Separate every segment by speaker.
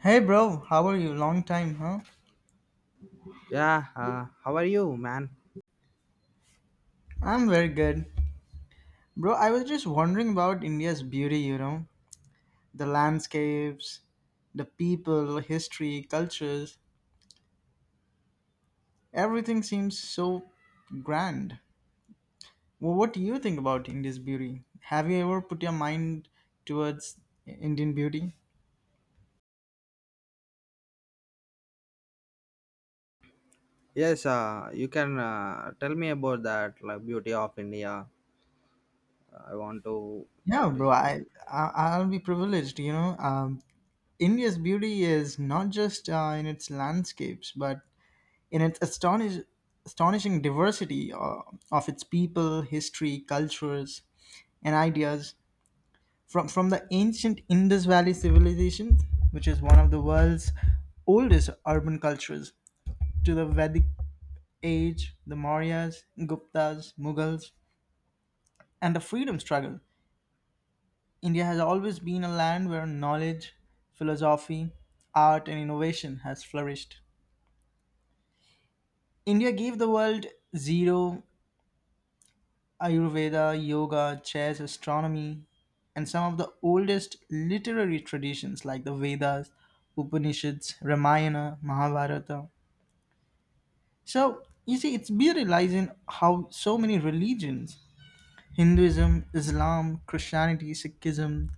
Speaker 1: Hey bro, how are you? Long time, huh?
Speaker 2: Yeah, how are you, man?
Speaker 1: I'm very good. Bro, I was just wondering about India's beauty, you know? The landscapes, the people, history, cultures. Everything seems so grand. Well, what do you think about India's beauty? Have you ever put your mind towards Indian beauty?
Speaker 2: Yes, you can tell me about that, like, beauty of India. I want to.
Speaker 1: Yeah, bro,
Speaker 2: dis-
Speaker 1: I'll be privileged. You know, India's beauty is not just in its landscapes, but in its astonishing diversity of its people, history, cultures, and ideas, from the ancient Indus Valley civilization, which is one of the world's oldest urban cultures, to the Vedic age, the Mauryas, Guptas, Mughals, and the freedom struggle. India has always been a land where knowledge, philosophy, art, and innovation has flourished. India gave the world zero, Ayurveda, yoga, chess, astronomy, and some of the oldest literary traditions like the Vedas, Upanishads, Ramayana, Mahabharata. So, you see, it's be realizing how so many religions, Hinduism, Islam, Christianity, Sikhism,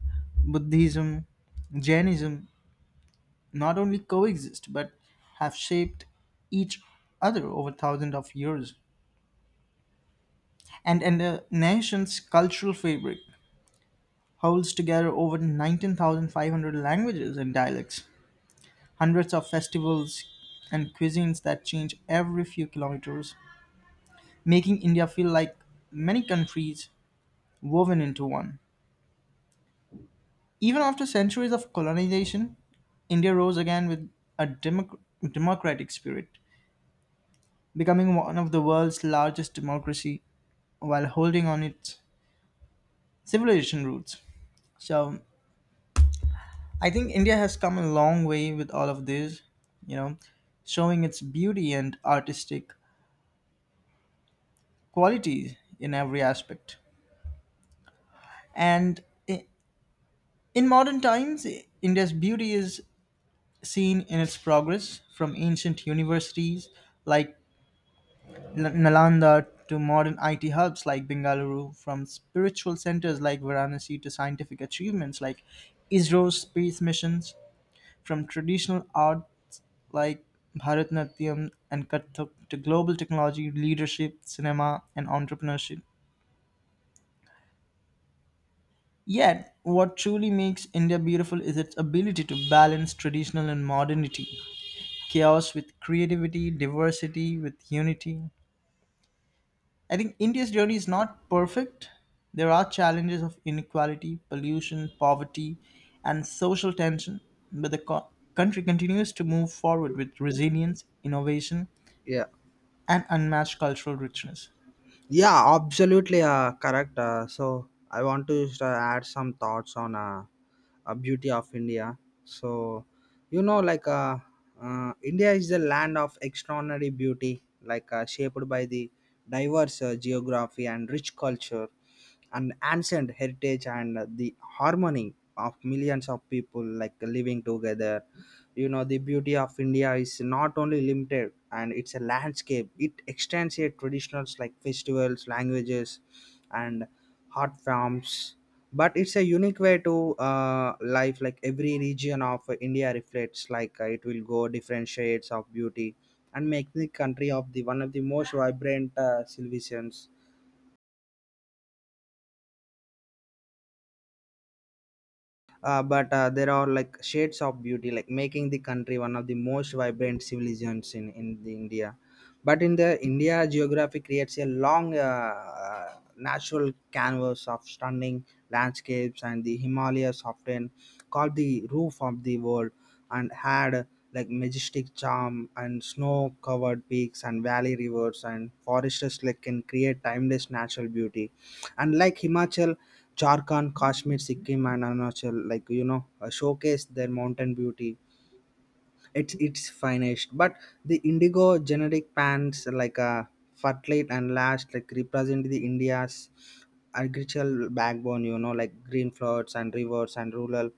Speaker 1: Buddhism, Jainism, not only coexist but have shaped each other over thousands of years and a nation's cultural fabric. Holds together over 19,500 languages and dialects, hundreds of festivals and cuisines that change every few kilometers, making India feel like many countries woven into one. Even after centuries of colonization, India rose again with a democratic spirit, becoming one of the world's largest democracy while holding on its civilization roots. So I think India has come a long way with all of this, you know, showing its beauty and artistic qualities in every aspect. And i- in modern times, India's beauty is seen in its progress from ancient universities like Nalanda to modern IT hubs like Bengaluru, from spiritual centers like Varanasi to scientific achievements like ISRO's space missions. From traditional arts like Bharatanatyam and Kathak to global technology, leadership, cinema, and entrepreneurship. Yet, what truly makes India beautiful is its ability to balance traditional and modernity, chaos with creativity, diversity with unity. I think India's journey is not perfect. There are challenges of inequality, pollution, poverty, and social tension, but the country continues to move forward with resilience, innovation,
Speaker 2: Yeah,
Speaker 1: and unmatched cultural richness.
Speaker 2: yeah, absolutely, correct. So I want to just, add some thoughts on beauty of India. So, like India is the land of extraordinary beauty, like shaped by the diverse geography and rich culture and ancient heritage and the harmony of millions of people like living together. You know, the beauty of India is not only limited and it's a landscape. It extends here traditions like festivals, languages, and hot farms, but it's a unique way to life. Like every region of India reflects, like, it will go different shades of beauty and make the country of the one of the most vibrant civilizations. But there are, like, shades of beauty, like making the country one of the most vibrant civilizations in the India. But in the India, geography creates a long, natural canvas of stunning landscapes, and the Himalayas, often called the roof of the world, and had, like, majestic charm and snow covered peaks and valley rivers and forests, like, can create timeless natural beauty. And like Himachal, Jharkhand, Kashmir, Sikkim, and Arunachal, like, showcase their mountain beauty. It's finished, but the indigo generic pants, like, fertilite and lash, like, represent the India's agricultural backbone. You know, like green floods and rivers and rural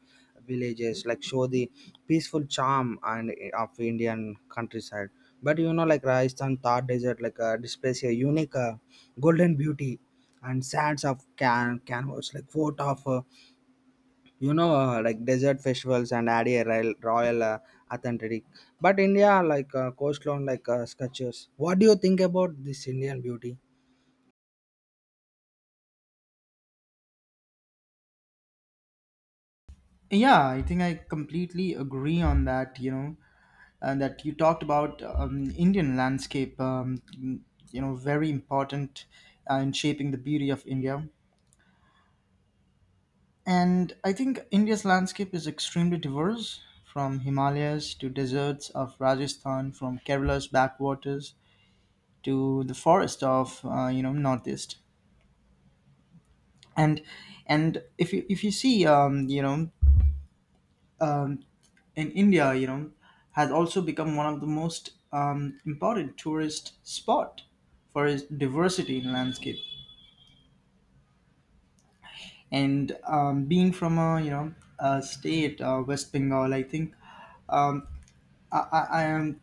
Speaker 2: villages, like, show the peaceful charm and of Indian countryside. But you know, like Rajasthan Thar desert, like, displays a unique golden beauty, and sands of canvas, like fort of like desert festivals, and add a royal, authentic. But India, like, coastline, like, sculptures. What do you think about this Indian beauty?
Speaker 1: Yeah, I think I completely agree on that. You know, and that you talked about Indian landscape. Very important in shaping the beauty of India. And I think India's landscape is extremely diverse, from Himalayas to deserts of Rajasthan, from Kerala's backwaters to the forest of northeast. And and if you see um, in India, has also become one of the most important tourist spot for its diversity in landscape. And being from a you know a state, West Bengal, I think um, I am,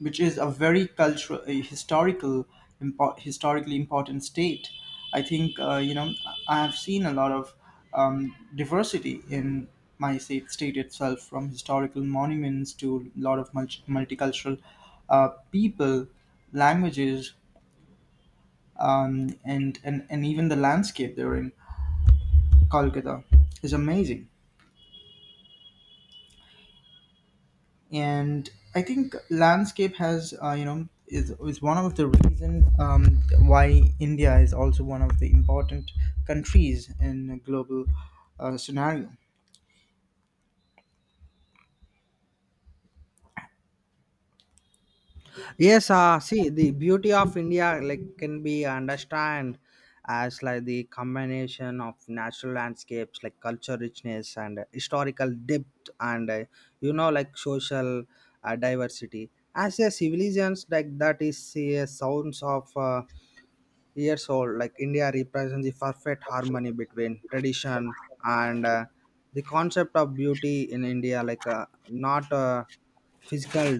Speaker 1: which is a very cultural, a historical, historically important state. I think I have seen a lot of diversity in my state itself, from historical monuments to a lot of multicultural people, languages, and even the landscape they're in. Kolkata is amazing. And I think landscape has is one of the reason why India is also one of the important countries in a global scenario.
Speaker 2: Yes, see the beauty of India, like, can be understand as, like, the combination of natural landscapes, like culture richness and historical depth, and like social diversity as a civilizations, like that is a sounds of years old. Like India represents the perfect harmony between tradition and, the concept of beauty in India, like, not, physical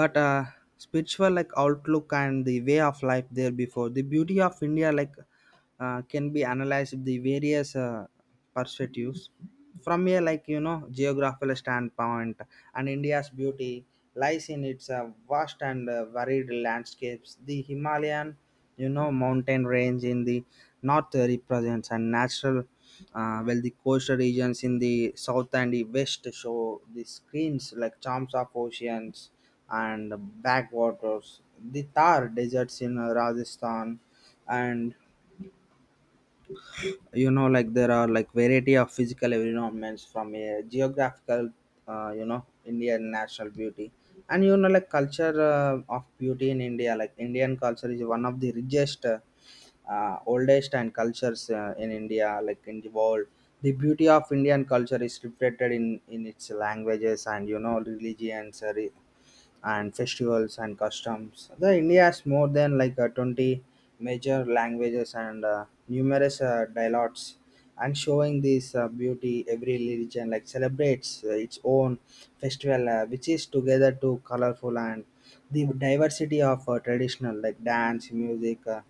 Speaker 2: but spiritual, like outlook and the way of life. There before, the beauty of India, like, can be analyzed with the various perspectives from a, like, geographical standpoint. And India's beauty lies in its vast and varied landscapes. The Himalayan, mountain range in the north represents and natural, well, the coastal regions in the south and the west show the screens, like charms of oceans and backwaters. The Thar deserts in Rajasthan, and you know, like there are, like, variety of physical environments from a geographical uh, you know Indian national beauty. And you know, like culture of beauty in India, like Indian culture is one of the richest, oldest and cultures in India, like in the world. The beauty of Indian culture is reflected in its languages and you know religions, and festivals and customs. The India has more than, like, 20 major languages and numerous dialects, and showing this beauty every religion, like, celebrates its own festival, which is together to colorful. And the diversity of traditional, like dance, music, uh,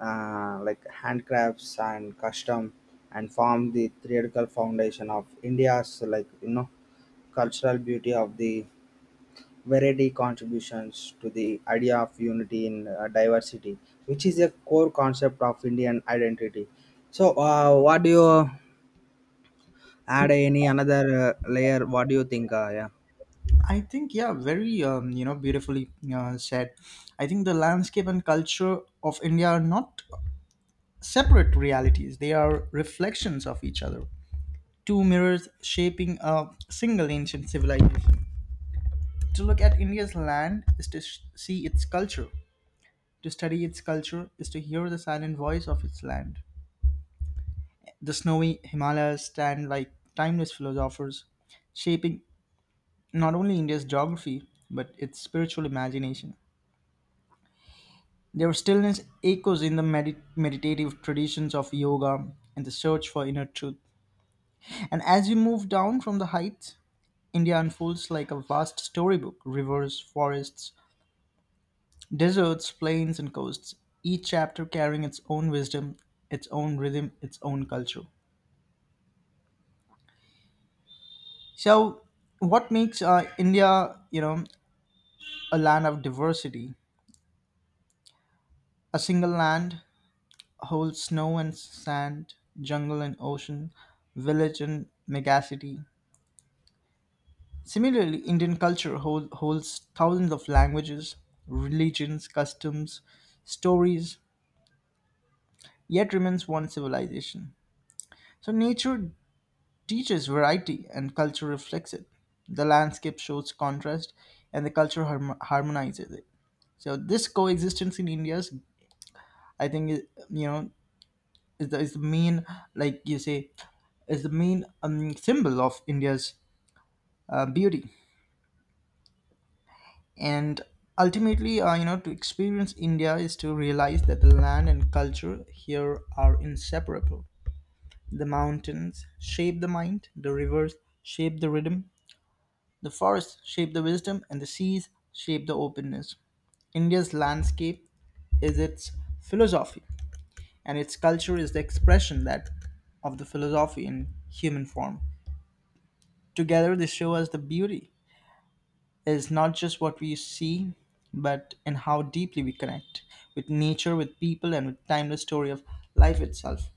Speaker 2: uh, like handcrafts and custom, and form the theoretical foundation of India's, like you know, cultural beauty of the variety contributions to the idea of unity in diversity, which is a core concept of Indian identity. So, what do you add? Any another layer? What do you think? Yeah.
Speaker 1: I think yeah, very beautifully said. I think the landscape and culture of India are not separate realities; they are reflections of each other. Two mirrors shaping a single ancient civilization. To look at India's land is to see its culture. To study its culture is to hear the silent voice of its land. The snowy Himalayas stand like timeless philosophers, shaping not only India's geography but its spiritual imagination. Their stillness echoes in the meditative traditions of yoga and the search for inner truth. And as you move down from the heights, India unfolds like a vast storybook, rivers, forests, deserts, plains, and coasts, each chapter carrying its own wisdom, its own rhythm, its own culture. So, what makes India, a land of diversity? A single land holds snow and sand, jungle and ocean, village and megacity. Similarly, Indian culture holds thousands of languages, religions, customs, stories, yet remains one civilization. So, nature teaches variety and culture reflects it. The landscape shows contrast and the culture harmonizes it. So, this coexistence in India's, I think, is the main, like you say, is the main symbol of India's beauty. And ultimately, to experience India is to realize that the land and culture here are inseparable. The mountains shape the mind, the rivers shape the rhythm, the forests shape the wisdom, and the seas shape the openness. India's landscape is its philosophy, and its culture is the expression that of the philosophy in human form. Together, they show us the beauty is not just what we see, but in how deeply we connect with nature, with people, and with timeless story of life itself.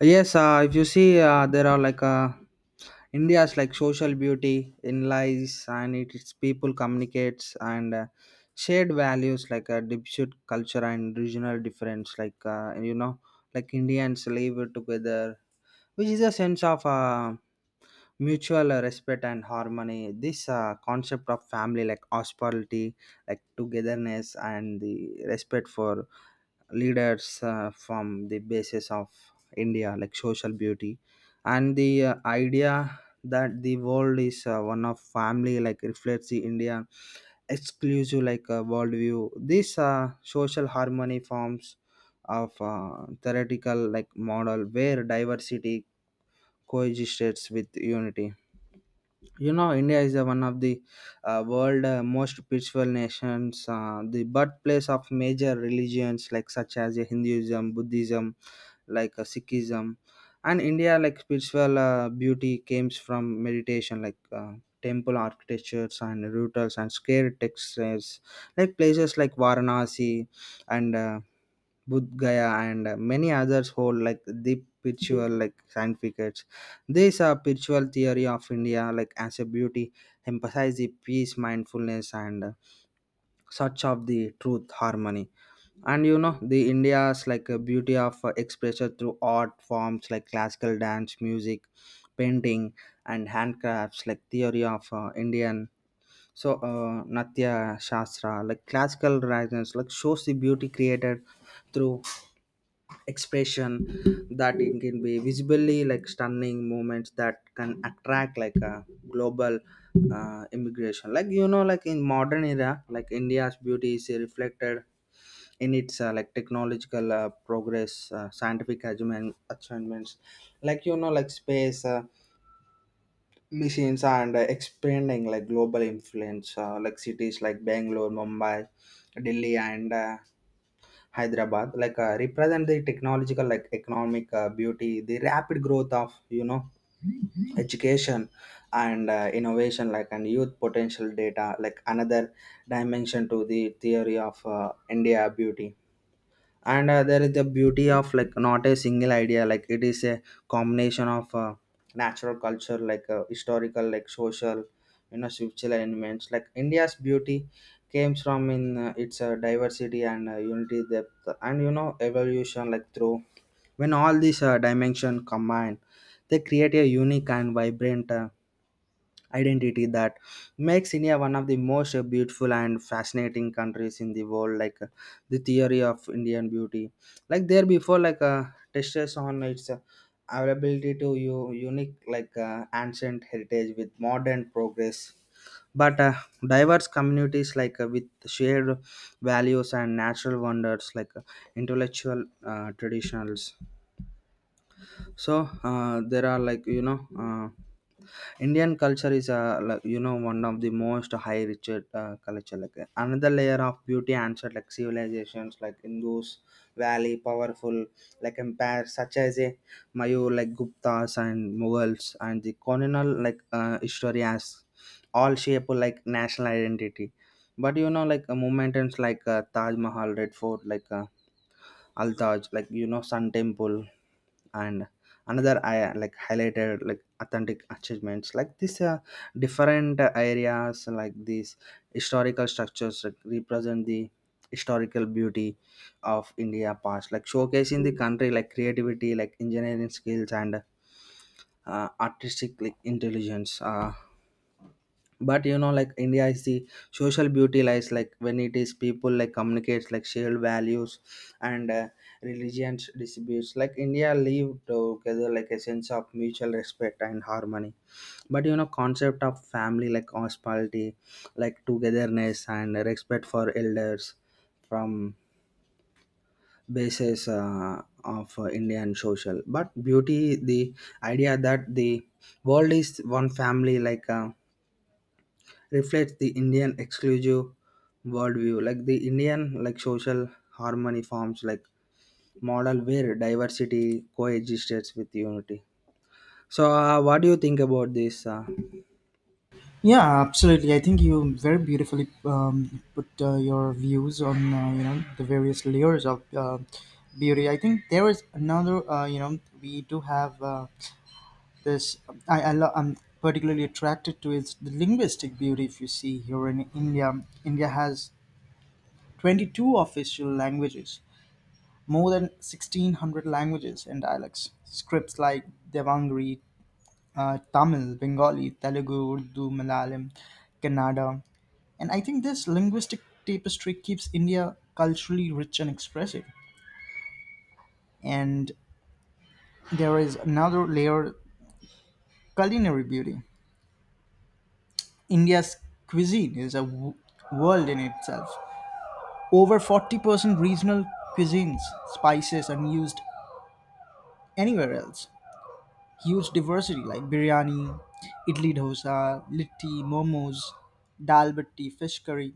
Speaker 2: Yes, if you see, there are, like, India's, like, social beauty in lies and, its people communicates and shared values, like a deep-seated culture and regional difference. Like, like Indians live together, which is a sense of mutual respect and harmony. This concept of family, like hospitality, like togetherness and the respect for leaders, from the basis of India, like social beauty, and the idea that the world is, one of family, like reflects the India exclusive, like worldview. This social harmony forms of theoretical, like model where diversity coexists with unity. You know, India is one of the world, most peaceful nations, the birthplace of major religions, like such as Hinduism, Buddhism, like Sikhism. And India, like spiritual beauty comes from meditation, like temple architectures and rituals and sacred textures. Like places like Varanasi and Bodh Gaya, and many others hold, like, the spiritual, like significates. These are spiritual theory of India, like as a beauty emphasize the peace, mindfulness, and search of the truth, harmony. And you know, the India's, like a beauty of expression through art forms like classical dance, music, painting, and handcrafts, like theory of Indian. So, Natya Shastra, like classical writings, like, shows the beauty created through expression that it can be visibly, like, stunning moments that can attract, like, a global immigration. Like you know, like in modern era, like India's beauty is reflected in its like technological progress, scientific achievements, like you know, like space machines, and expanding, like, global influence, like cities like Bangalore, Mumbai, Delhi and Hyderabad, like represent the technological, like economic beauty, the rapid growth of, you know, education and innovation, like, and youth potential data, like another dimension to the theory of India beauty. And there is the beauty of, like, not a single idea, like it is a combination of natural culture, like historical, like social, you know, spiritual elements, like India's beauty comes from in its diversity and unity, depth and you know evolution, like through, when all these dimension combine, they create a unique and vibrant identity that makes India one of the most beautiful and fascinating countries in the world. Like, the theory of Indian beauty, like there before, like, touches on its, availability to you, unique, like, ancient heritage with modern progress. But diverse communities, like, with shared values and natural wonders, like intellectual traditionals. So, there are like you know. Indian culture is, like, you know, one of the most high rich culture, like, another layer of beauty answer, like civilizations like Indus Valley, powerful, like empires such as a Mayu, like Guptas and Mughals, and the colonial, like history has all shape, like, national identity. But you know, like, movements like Taj Mahal, Red Fort, like Al Taj, like you know, Sun Temple and another I like highlighted, like, authentic achievements, like this, different areas, like these historical structures that represent the historical beauty of India past, like showcasing the country, like, creativity, like engineering skills and artistic, like intelligence, but you know, like India is the social beauty lies, like, when it is people, like, communicates, like shared values and religions disputes, like India live together, like a sense of mutual respect and harmony. But you know, concept of family, like hospitality, like togetherness and respect for elders from basis of Indian social, but beauty, the idea that the world is one family, like reflects the Indian exclusive worldview, like the Indian, like social harmony forms, like model where diversity coexists with unity. So, what do you think about this?
Speaker 1: Yeah, absolutely. I think you very beautifully put your views on the various layers of beauty. I think there is another, we do have this. I'm particularly attracted to is the linguistic beauty. If you see here in India, India has 22 official languages, more than 1600 languages and dialects. Scripts like Devangri, Tamil, Bengali, Telugu, Urdu, Malayalam, Kannada. And I think this linguistic tapestry keeps India culturally rich and expressive. And there is another layer, culinary beauty. India's cuisine is a world in itself. Over 40% regional cuisines, spices, unused anywhere else. Huge diversity like biryani, idli dosa, litti, momos, dal batti, fish curry.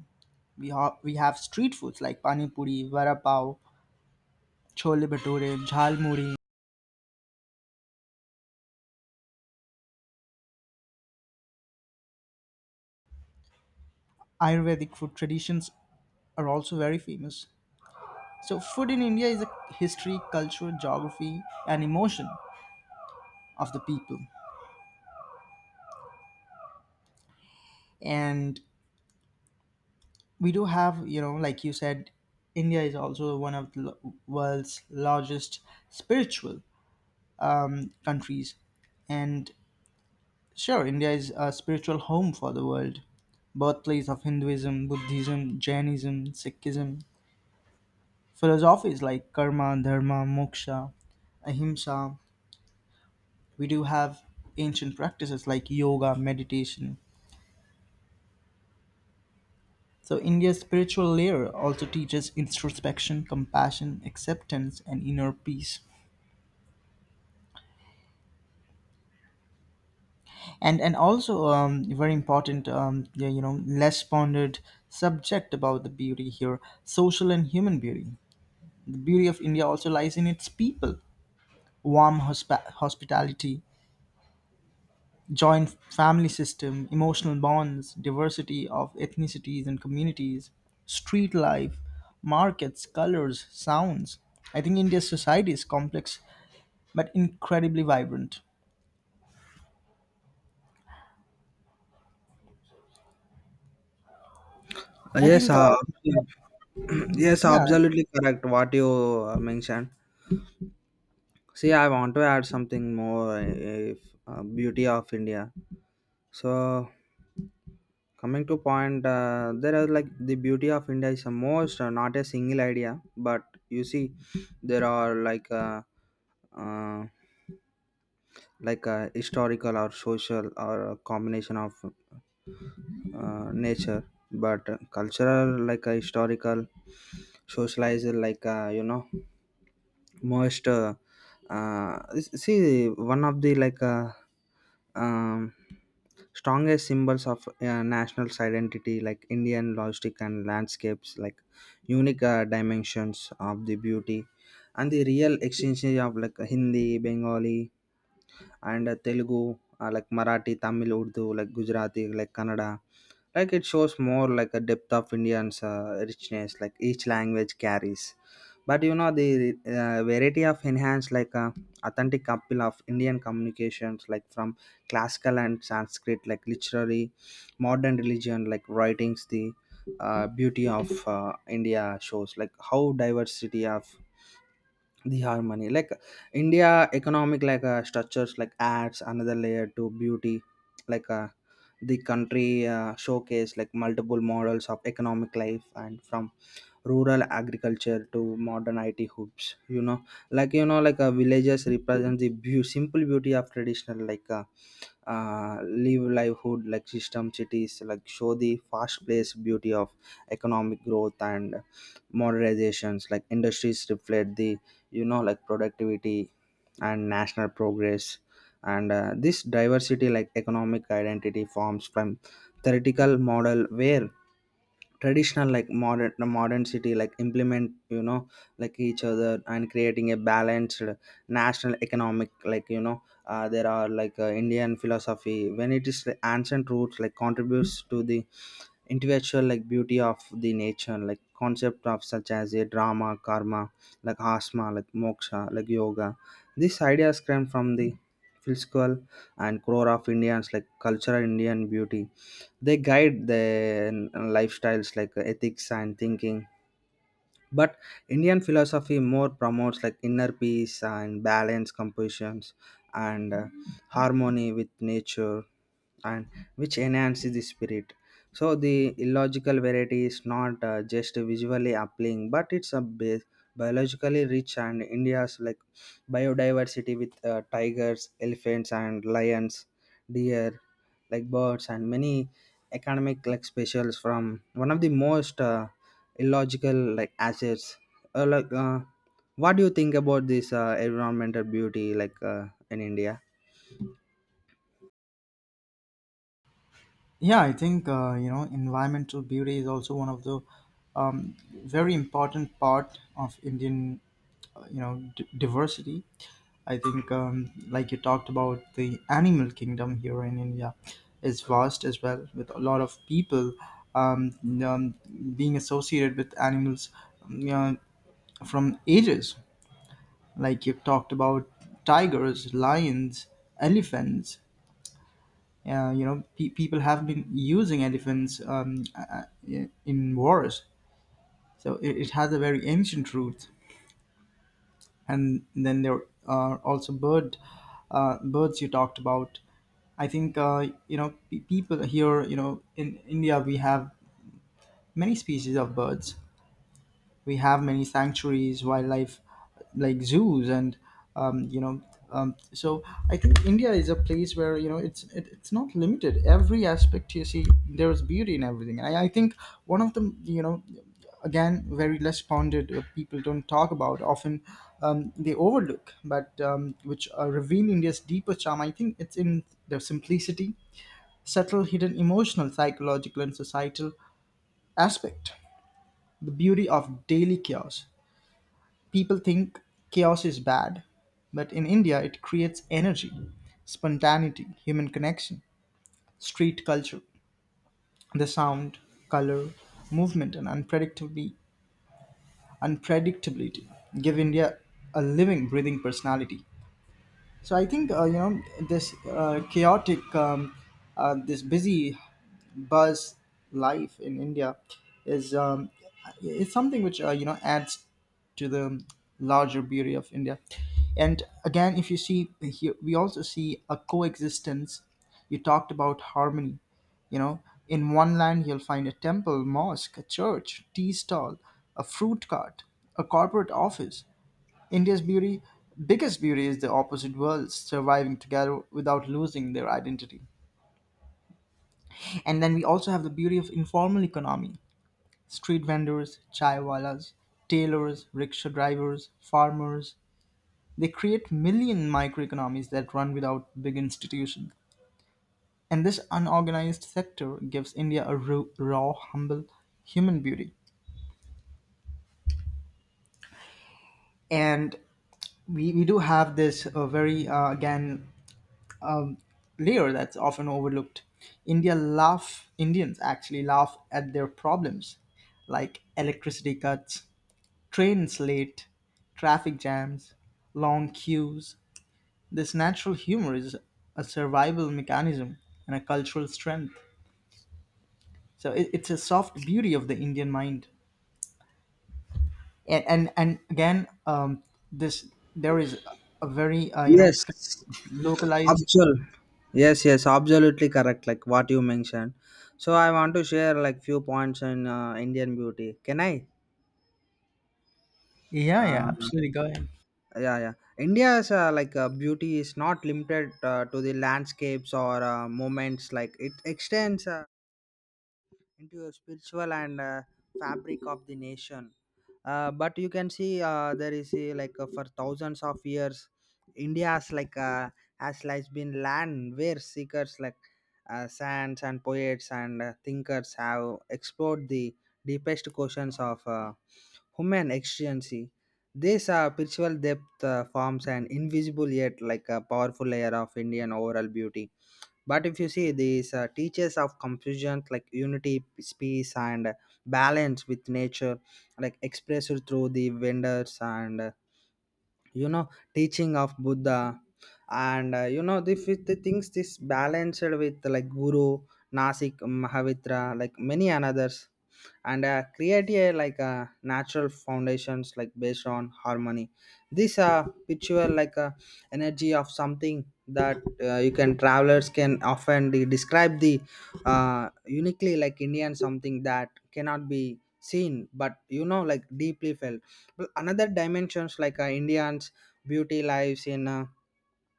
Speaker 1: We have street foods like pani puri, vada pav, chole bhature, jhal muri. Ayurvedic food traditions are also very famous. So food in India is a history, culture, geography, and emotion of the people. And we do have, like you said, India is also one of the world's largest spiritual countries. And sure, India is a spiritual home for the world, birthplace of Hinduism, Buddhism, Jainism, Sikhism, philosophies like karma, dharma, moksha, ahimsa. We do have ancient practices like yoga, meditation. So, India's spiritual layer also teaches introspection, compassion, acceptance, and inner peace. And also, very important, yeah, less pondered subject about the beauty here, social and human beauty. The beauty of India also lies in its people, warm hospitality, joint family system, emotional bonds, diversity of ethnicities and communities, street life, markets, colors, sounds. I think India's society is complex but incredibly vibrant. I
Speaker 2: Yes,
Speaker 1: think,
Speaker 2: yes,
Speaker 1: yeah.
Speaker 2: absolutely correct. What you mentioned. See, I want to add something more. If beauty of India. So coming to point, there are like the beauty of India is a most not a single idea, but you see, there are uh, like a historical or social or a combination of nature, but cultural like a historical, socialized like you know most uh, see one of the um, strongest symbols of national identity like indian logistic and landscapes like unique dimensions of the beauty, and the real exchange of like hindi bengali and telugu like marathi tamil urdu like gujarati like kannada. Like it shows more like a depth of indians richness like each language carries. But you know the variety of enhanced like authentic couple of indian communications like from classical and sanskrit like literary modern religion like writings, the beauty of india shows like how diversity of the harmony like india economic like structures like adds another layer to beauty, like uh, the country showcase like multiple models of economic life, and from rural agriculture to modern it hubs, you know, like you know villages represent the simple beauty of traditional uh, live livelihood like system, cities like show the fast paced beauty of economic growth and modernizations, like industries reflect the, you know, like productivity and national progress. And this diversity like economic identity forms from theoretical model where traditional like modern city like implement, you know, like each other and creating a balanced national economic, like you know, there are indian philosophy when it is the ancient roots like contributes to the intellectual like beauty of the nature, like concept of such as a drama karma like asma like moksha like yoga. These ideas came from the philosophical and core of indians like cultural indian beauty. They guide their lifestyles like ethics and thinking. But indian philosophy more promotes like inner peace and balance compositions and harmony with nature, and which enhances the spirit. So the illogical variety is not just visually appealing, but it's biologically rich, and india's like biodiversity with tigers elephants and lions, deer, like birds, and many economic like specials from one of the most illogical like assets. uh, like uh, what do you think about this environmental beauty in india?
Speaker 1: Yeah, I think environmental beauty is also one of the um, very important part of Indian, diversity. I think like you talked about, the animal kingdom here in India is vast as well, with a lot of people um, um, being associated with animals, um, you know, from ages. Like you talked about tigers, lions, elephants. People have been using elephants, in wars, so it has a very ancient root. And then there are also birds you talked about. I think people here. In India we have many species of birds, we have many sanctuaries, wildlife like zoos and um, you know so I think India is a place where, it's not limited. Every aspect you see, there's beauty in everything. I think one of the, again, very less pondered, people don't talk about often, they overlook, but which reveal India's deeper charm. I think it's in their simplicity, subtle hidden emotional, psychological and societal aspect, the beauty of daily chaos. People think chaos is bad, but in India it creates energy, spontaneity, human connection, street culture, the sound, color, movement, and unpredictability give India a living, breathing personality. So I think, this chaotic, this busy buzz life in India is um, is something which adds to the larger beauty of India. And again, if you see here, we also see a coexistence. You talked about harmony. In one land you'll find a temple, mosque, a church, tea stall, a fruit cart, a corporate office. India's beauty, biggest beauty, is the opposite worlds surviving together without losing their identity. And then we also have the beauty of informal economy. Street vendors, chaiwalas, tailors, rickshaw drivers, farmers. They create million microeconomies that run without big institutions. And this unorganized sector gives India a raw, humble human beauty. And we do have this, very, again, layer that's often overlooked. Indians actually laugh at their problems, like electricity cuts, trains late, traffic jams, long queues. This natural humor is a survival mechanism and a cultural strength. So it's a soft beauty of the Indian mind. And again, this there is a very,
Speaker 2: Yes,
Speaker 1: localized.
Speaker 2: Absol yes, yes, absolutely correct. Like what you mentioned. So I want to share like few points in Indian beauty. Can I?
Speaker 1: Yeah, yeah,
Speaker 2: Uh,
Speaker 1: absolutely. Go ahead.
Speaker 2: yeah, yeah. India's beauty is not limited to the landscapes or moments. Like it extends into a spiritual and fabric of the nation. But you can see, there is a, for thousands of years india has like been land where seekers like saints and poets and thinkers have explored the deepest questions of human existence. This spiritual depth forms an invisible yet like a powerful layer of indian overall beauty. But if you see these teachers of confusion like unity, peace and balance with nature like expressed through the vendors and you know teaching of buddha, and you know the, fifth things this balanced with like guru nasik mahavitra like many others, and create a like a natural foundations like based on harmony. This picture like a energy of something that you can travelers can often describe the uniquely like indian something that cannot be seen, but you know like deeply felt. Well, another dimensions indians beauty lives in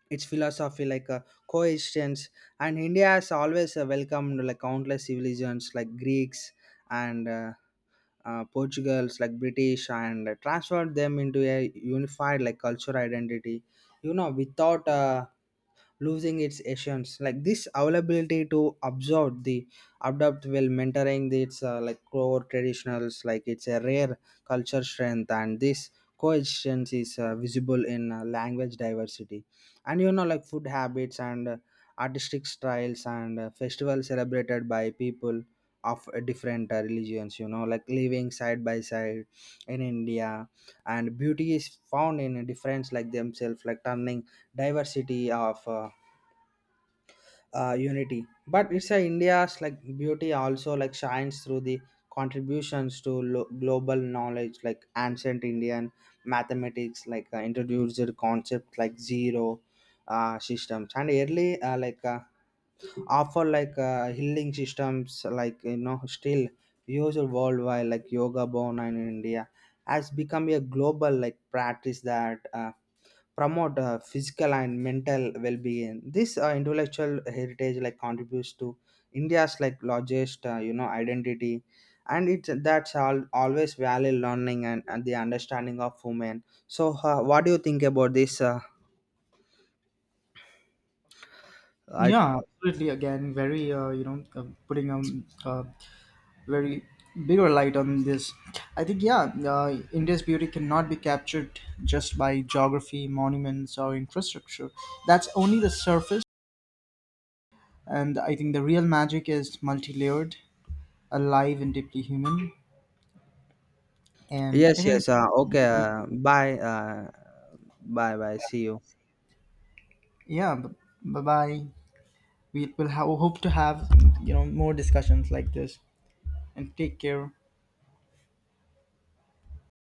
Speaker 2: its philosophy coexistence, and india has always welcomed like countless civilizations like greeks and Portugal's like British, and transferred them into a unified like cultural identity. You know, without losing its essence, like this availability to absorb the adapt while mentoring the, its like core traditionals, like it's a rare culture strength. And this coexistence is visible in language diversity, and you know like food habits and artistic styles and festivals celebrated by people of different religions, you know, like living side by side in india. And beauty is found in a difference like themselves, like turning diversity of unity. But it's a india's like beauty also like shines through the contributions to global knowledge, like ancient indian mathematics like introduced concepts like zero systems, and early offer healing systems, like you know still used worldwide. Like yoga born in india has become a global like practice that promote physical and mental well-being. This intellectual heritage like contributes to india's like largest, you know, identity, and it that's all always value learning and the understanding of women. So what do you think about this I...
Speaker 1: Yeah, absolutely. Again, very putting a, very bigger light on this. I think yeah, India's beauty cannot be captured just by geography, monuments, or infrastructure. That's only the surface, and I think the real magic is multi-layered, alive, and deeply human. And I
Speaker 2: Yes,
Speaker 1: think
Speaker 2: yes. Okay. Bye. Bye. Bye. See you.
Speaker 1: yeah, bye bye. We will have, hope to have, more discussions like this. And take care.